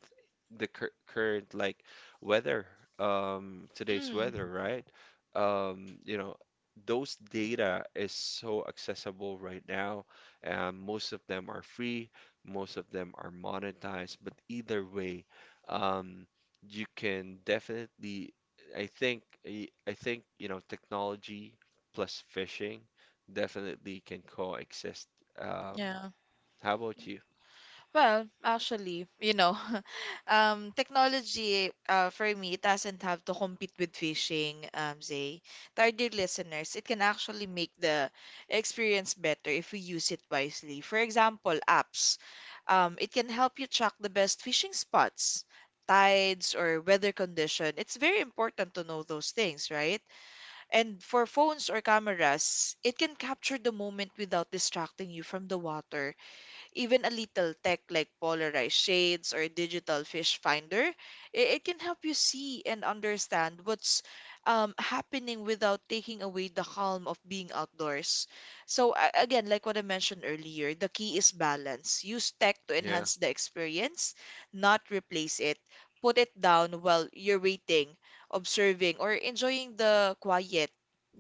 B: the cur current like weather, um, today's
A: mm,
B: weather, right? Um, you know, those data is so accessible right now, and most of them are free, most of them are monetized, but either way, um, you can definitely, I think, I I think, you know, technology plus fishing definitely can coexist. Um,
A: yeah.
B: how about you?
A: Well, actually, you know, um, technology, uh, for me it doesn't have to compete with fishing, um, Zay. To our dear listeners, it can actually make the experience better if we use it wisely. For example, apps. Um, it can help you track the best fishing spots, tides, or weather condition. It's very important to know those things, right? And for phones or cameras, it can capture the moment without distracting you from the water. Even a little tech like polarized shades or digital fish finder, i- it can help you see and understand what's um, happening without taking away the calm of being outdoors. So, a- again, like what I mentioned earlier, the key is balance. Use tech to
B: Yeah.
A: enhance the experience, not replace it. Put it down while you're waiting, observing, or enjoying the quiet.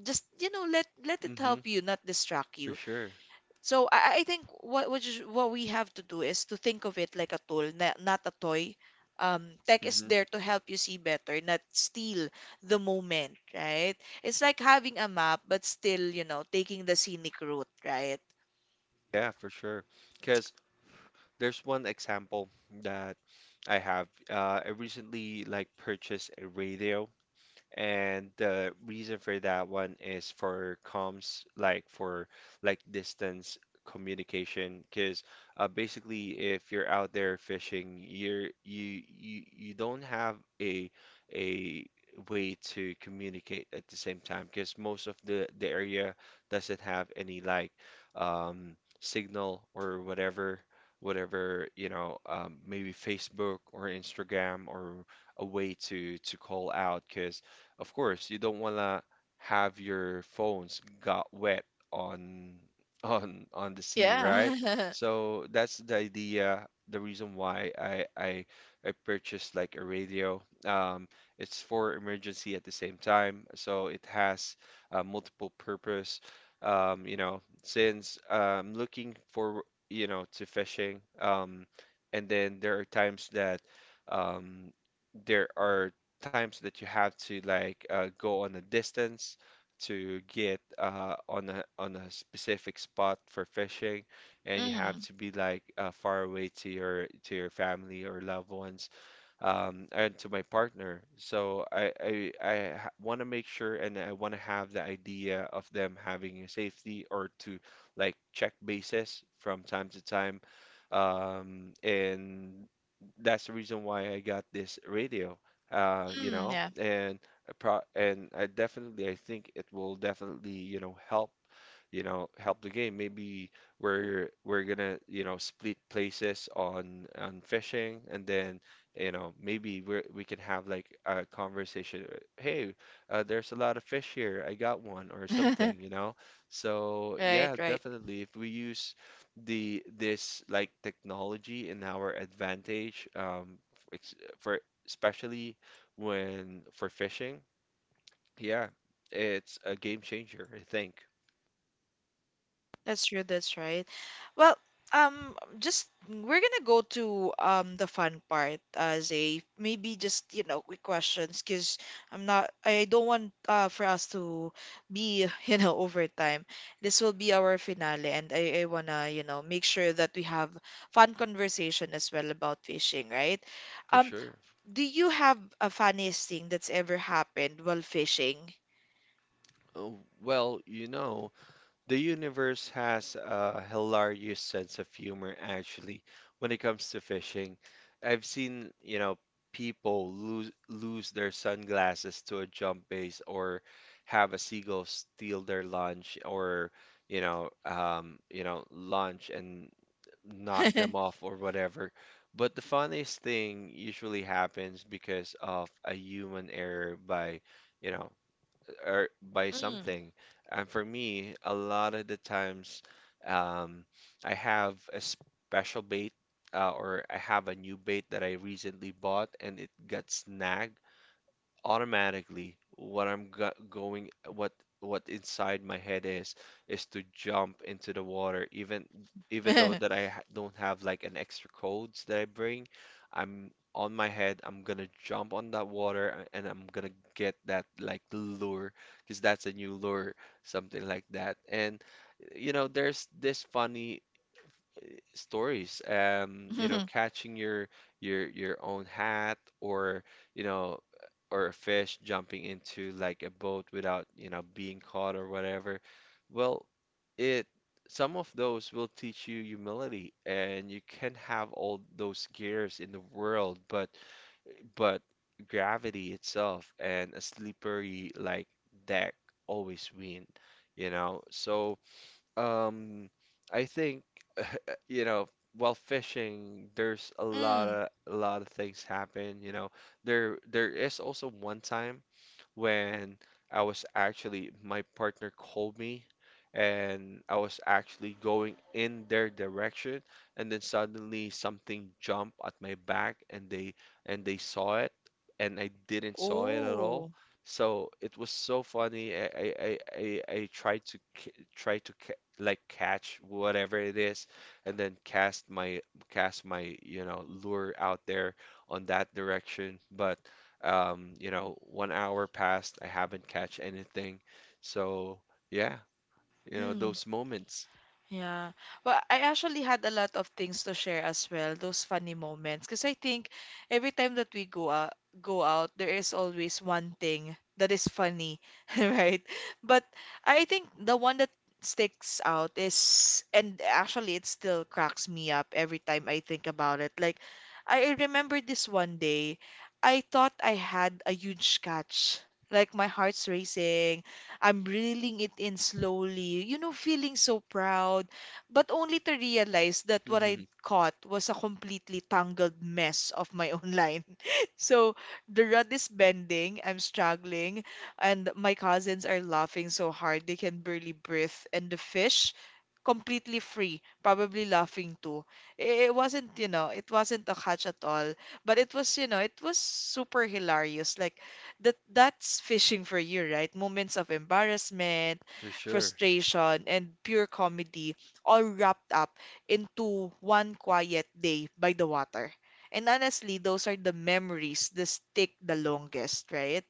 A: Just, you know, let let it
B: Mm-hmm.
A: help you, not distract
B: For
A: you.
B: sure.
A: So I, I think what what you- what we have to do is to think of it like a tool, not, not a toy. Um, tech is
B: Mm-hmm.
A: there to help you see better, not steal the moment, right? It's like having a map, but still, you know, taking the scenic route, right?
B: Yeah, for sure. Because there's one example that I have. Uh, I recently like purchased a radio. And the reason for that one is for comms, like for like distance communication, because uh, basically if you're out there fishing, you're you you you don't have a a way to communicate at the same time, because most of the the area doesn't have any like um signal or whatever whatever, you know, um, maybe Facebook or Instagram, or a way to to call out, because of course, you don't wanna have your phones got wet on on on the sea, right?
A: Yeah.
B: So that's the idea, the reason why I I I purchased like a radio. Um, it's for emergency at the same time, so it has uh, multiple purpose. Um, you know, since I'm looking for you know to fishing, um, and then there are times that um, there are times that you have to like uh, go on a distance to get uh, on a on a specific spot for fishing, and you have
A: Mm,
B: to be like uh, far away to your to your family or loved ones, um, and to my partner. So I I, I want to make sure, and I want to have the idea of them having a safety, or to like check bases from time to time. Um, and that's the reason why I got this radio. Uh, you
A: mm,
B: know,
A: yeah.
B: and I pro and I definitely, I think it will definitely, you know, help, you know, help the game. Maybe we're we're gonna, you know, split places on on fishing, and then you know, maybe we we can have like a conversation. uh, Hey, uh, there's a lot of fish here. I got one or something, you know? So
A: Right,
B: yeah,
A: right.
B: definitely. If we use the this like technology in our advantage, um, ex- for especially when for fishing, yeah, it's a game changer, I think,
A: That's true, that's right. Well, um, just we're gonna go to um the fun part, uh, Zay. Maybe just, you know, quick questions, because 'cause I'm not, I don't want uh for us to be, you know, overtime. This will be our finale, and I, I wanna, you know, make sure that we have fun conversation as well about fishing, right?
B: for
A: Um,
B: sure.
A: do you have a funniest thing that's ever happened while fishing?
B: Oh, well, you know. The universe has a hilarious sense of humor, actually, when it comes to fishing. I've seen, you know, people lose lose their sunglasses to a jump base, or have a seagull steal their lunch, or, you know, um, you know, lunch and knock them off or whatever. But the funniest thing usually happens because of a human error by, you know, or by
A: Mm.
B: something. And for me, a lot of the times, um, I have a special bait uh, or I have a new bait that I recently bought, and it got snagged. Automatically, what I'm go going, what what inside my head is is to jump into the water, even even though that I ha- don't have like an extra codes that I bring. I'm On my head, I'm gonna jump on that water, a- and I'm gonna get that like lure, because that's a new lure, something like that. And you know, there's this funny stories, um, you know,
A: Mm.
B: catching your your your own hat, or you know, or a fish jumping into like a boat without you know being caught or whatever. Well, it some of those will teach you humility, and you can have all those gears in the world, but but gravity itself and a slippery like deck always win, you know. So um I think, you know, while fishing, there's a lot
A: Mm.
B: of a lot of things happen, you know. There there is also one time when I was actually my partner called me, and I was actually going in their direction, and then suddenly something jumped at my back, and they and they saw it, and I didn't saw it at all.
A: Oh.
B: So it was so funny. I I I, I I tried to ca- try to ca- like catch whatever it is, and then cast my cast my, you know, lure out there on that direction, but um you know, one hour passed, I haven't catch anything. So yeah, you know,
A: Mm.
B: those moments.
A: Yeah. Well, I actually had a lot of things to share as well, those funny moments. Because I think every time that we go out, go out, there is always one thing that is funny, right? But I think the one that sticks out is, and actually it still cracks me up every time I think about it. Like, I remember this one day, I thought I had a huge catch. Like my heart's racing, I'm reeling it in slowly, you know, feeling so proud, but only to realize that what I caught was a completely tangled mess of my own line. So the rod is bending, I'm struggling, and my cousins are laughing so hard they can barely breathe, and the fish completely free, probably laughing too. I- It wasn't, you know, it wasn't a catch at all, but it was, you know, it was super hilarious. Like that that's fishing for you, right? Moments of embarrassment,
B: For sure.
A: frustration, and pure comedy all wrapped up into one quiet day by the water. And honestly, those are the memories that stick the longest, right?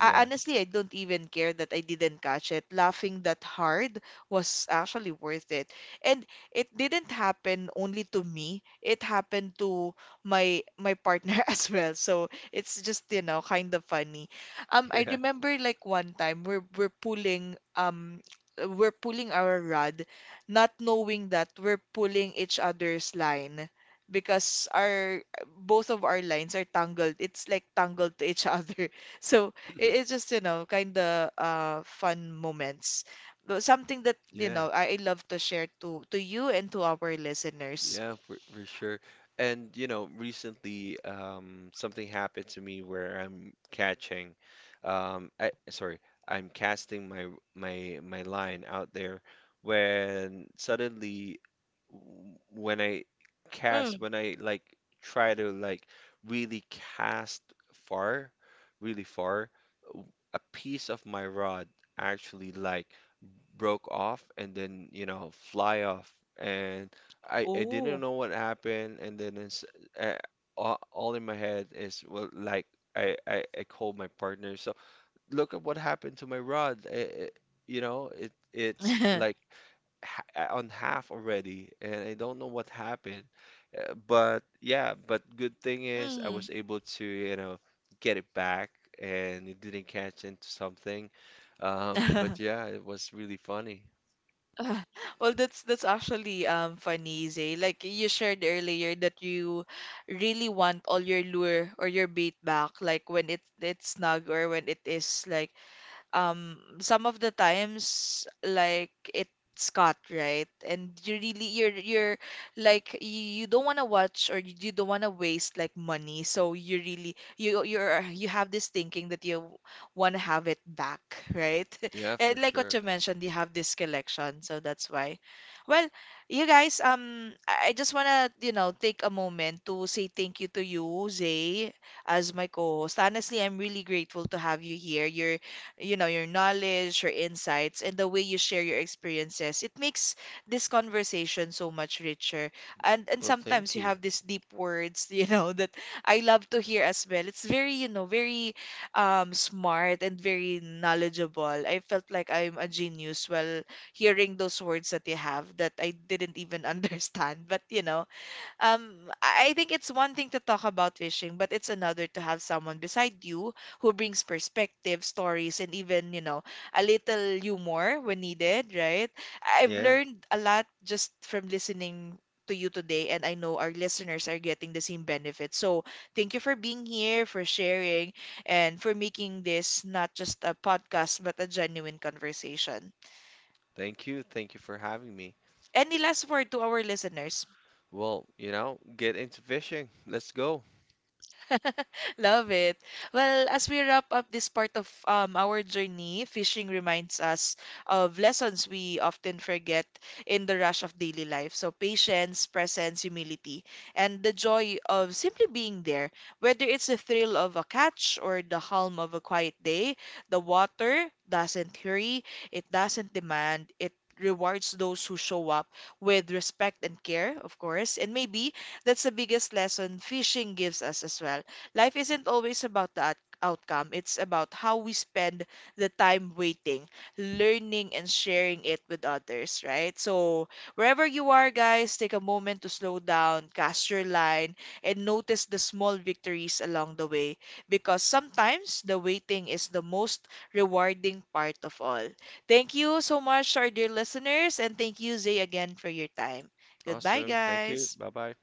A: I, Honestly, I don't even care that I didn't catch it. Laughing that hard was actually worth it. And it didn't happen only to me. It happened to my my partner as well. So it's just, you know, kind of funny. Um, I
B: Yeah.
A: remember like one time we're we're pulling um we're pulling our rod, not knowing that we're pulling each other's line because our both of our lines are tangled. It's like tangled to each other. So it, it's just, you know, kind of uh, fun moments. But something that, you
B: Yeah.
A: know, I, I love to share to, to you and to our listeners.
B: Yeah, for, for sure. And you know, recently, um, something happened to me where I'm catching, um, I, sorry, I'm casting my my my line out there when suddenly, w- when I
A: Mm.
B: cast, when I like try to like really cast far, really far, w- a piece of my rod actually like broke off and then, you know, fly off. And I, I didn't
A: Oh.
B: know what happened. And then it's, uh, all, all in my head is, well, like, I, I, I called my partner. So look at what happened to my rod. I- I- you know, it it's like ha on half already, and I don't know what happened. Uh, But yeah, but good thing is I
A: Mm.
B: was able to, you know, get it back, and it didn't catch into something. Um, but yeah, it was really funny.
A: Well, that's that's actually um funny, Zay. Like you shared earlier that you really want all your lure or your bait back, like when it it's snug or when it is like um some of the times, like it's cut, right? And you really you're you're like you, you don't want to watch, or you, you don't want to waste like money, so you really you you're you have this thinking that you want to have it back, right?
B: Yeah, for
A: And like what
B: sure.
A: you mentioned, you have this collection, so that's why. Well, you guys, um I I just want to, you know take a moment to say thank you to you, Zay, as my co-host. Honestly, I'm really grateful to have you here. You're you know, your knowledge, your insights, and the way you share your experiences. It makes this conversation so much richer. And and
B: Well,
A: sometimes
B: thank
A: you
B: you.
A: have these deep words, you know, that I love to hear as well. It's very, you know, very um smart and very knowledgeable. I felt like I'm a genius while hearing those words that you have that I didn't even understand. But you know, um, I I think it's one thing to talk about fishing, but it's another to have someone beside you who brings perspective, stories, and even, you know, a little humor when needed, right? I've
B: Yeah.
A: learned a lot just from listening to you today, and I know our listeners are getting the same benefit. So thank you for being here, for sharing, and for making this not just a podcast, but a genuine conversation.
B: Thank you. Thank you for having me.
A: Any last word to our listeners?
B: Well, you know, get into fishing. Let's go.
A: Love it. Well, as we wrap up this part of um, our journey, fishing reminds us of lessons we often forget in the rush of daily life. So, patience, presence, humility, and the joy of simply being there. Whether it's the thrill of a catch or the calm of a quiet day, the water doesn't hurry, it doesn't demand, it rewards those who show up with respect and care, of course. And maybe that's the biggest lesson fishing gives us as well. Life isn't always about the out- outcome, it's about how we spend the time waiting, learning, and sharing it with others, right? So, wherever you are, guys, take a moment to slow down, cast your line, and notice the small victories along the way because sometimes the waiting is the most rewarding part of all. Thank you so much, our dear listeners, and thank you, Zay, again for your time. Goodbye,
B: Awesome. Thank you.
A: guys.
B: Bye bye.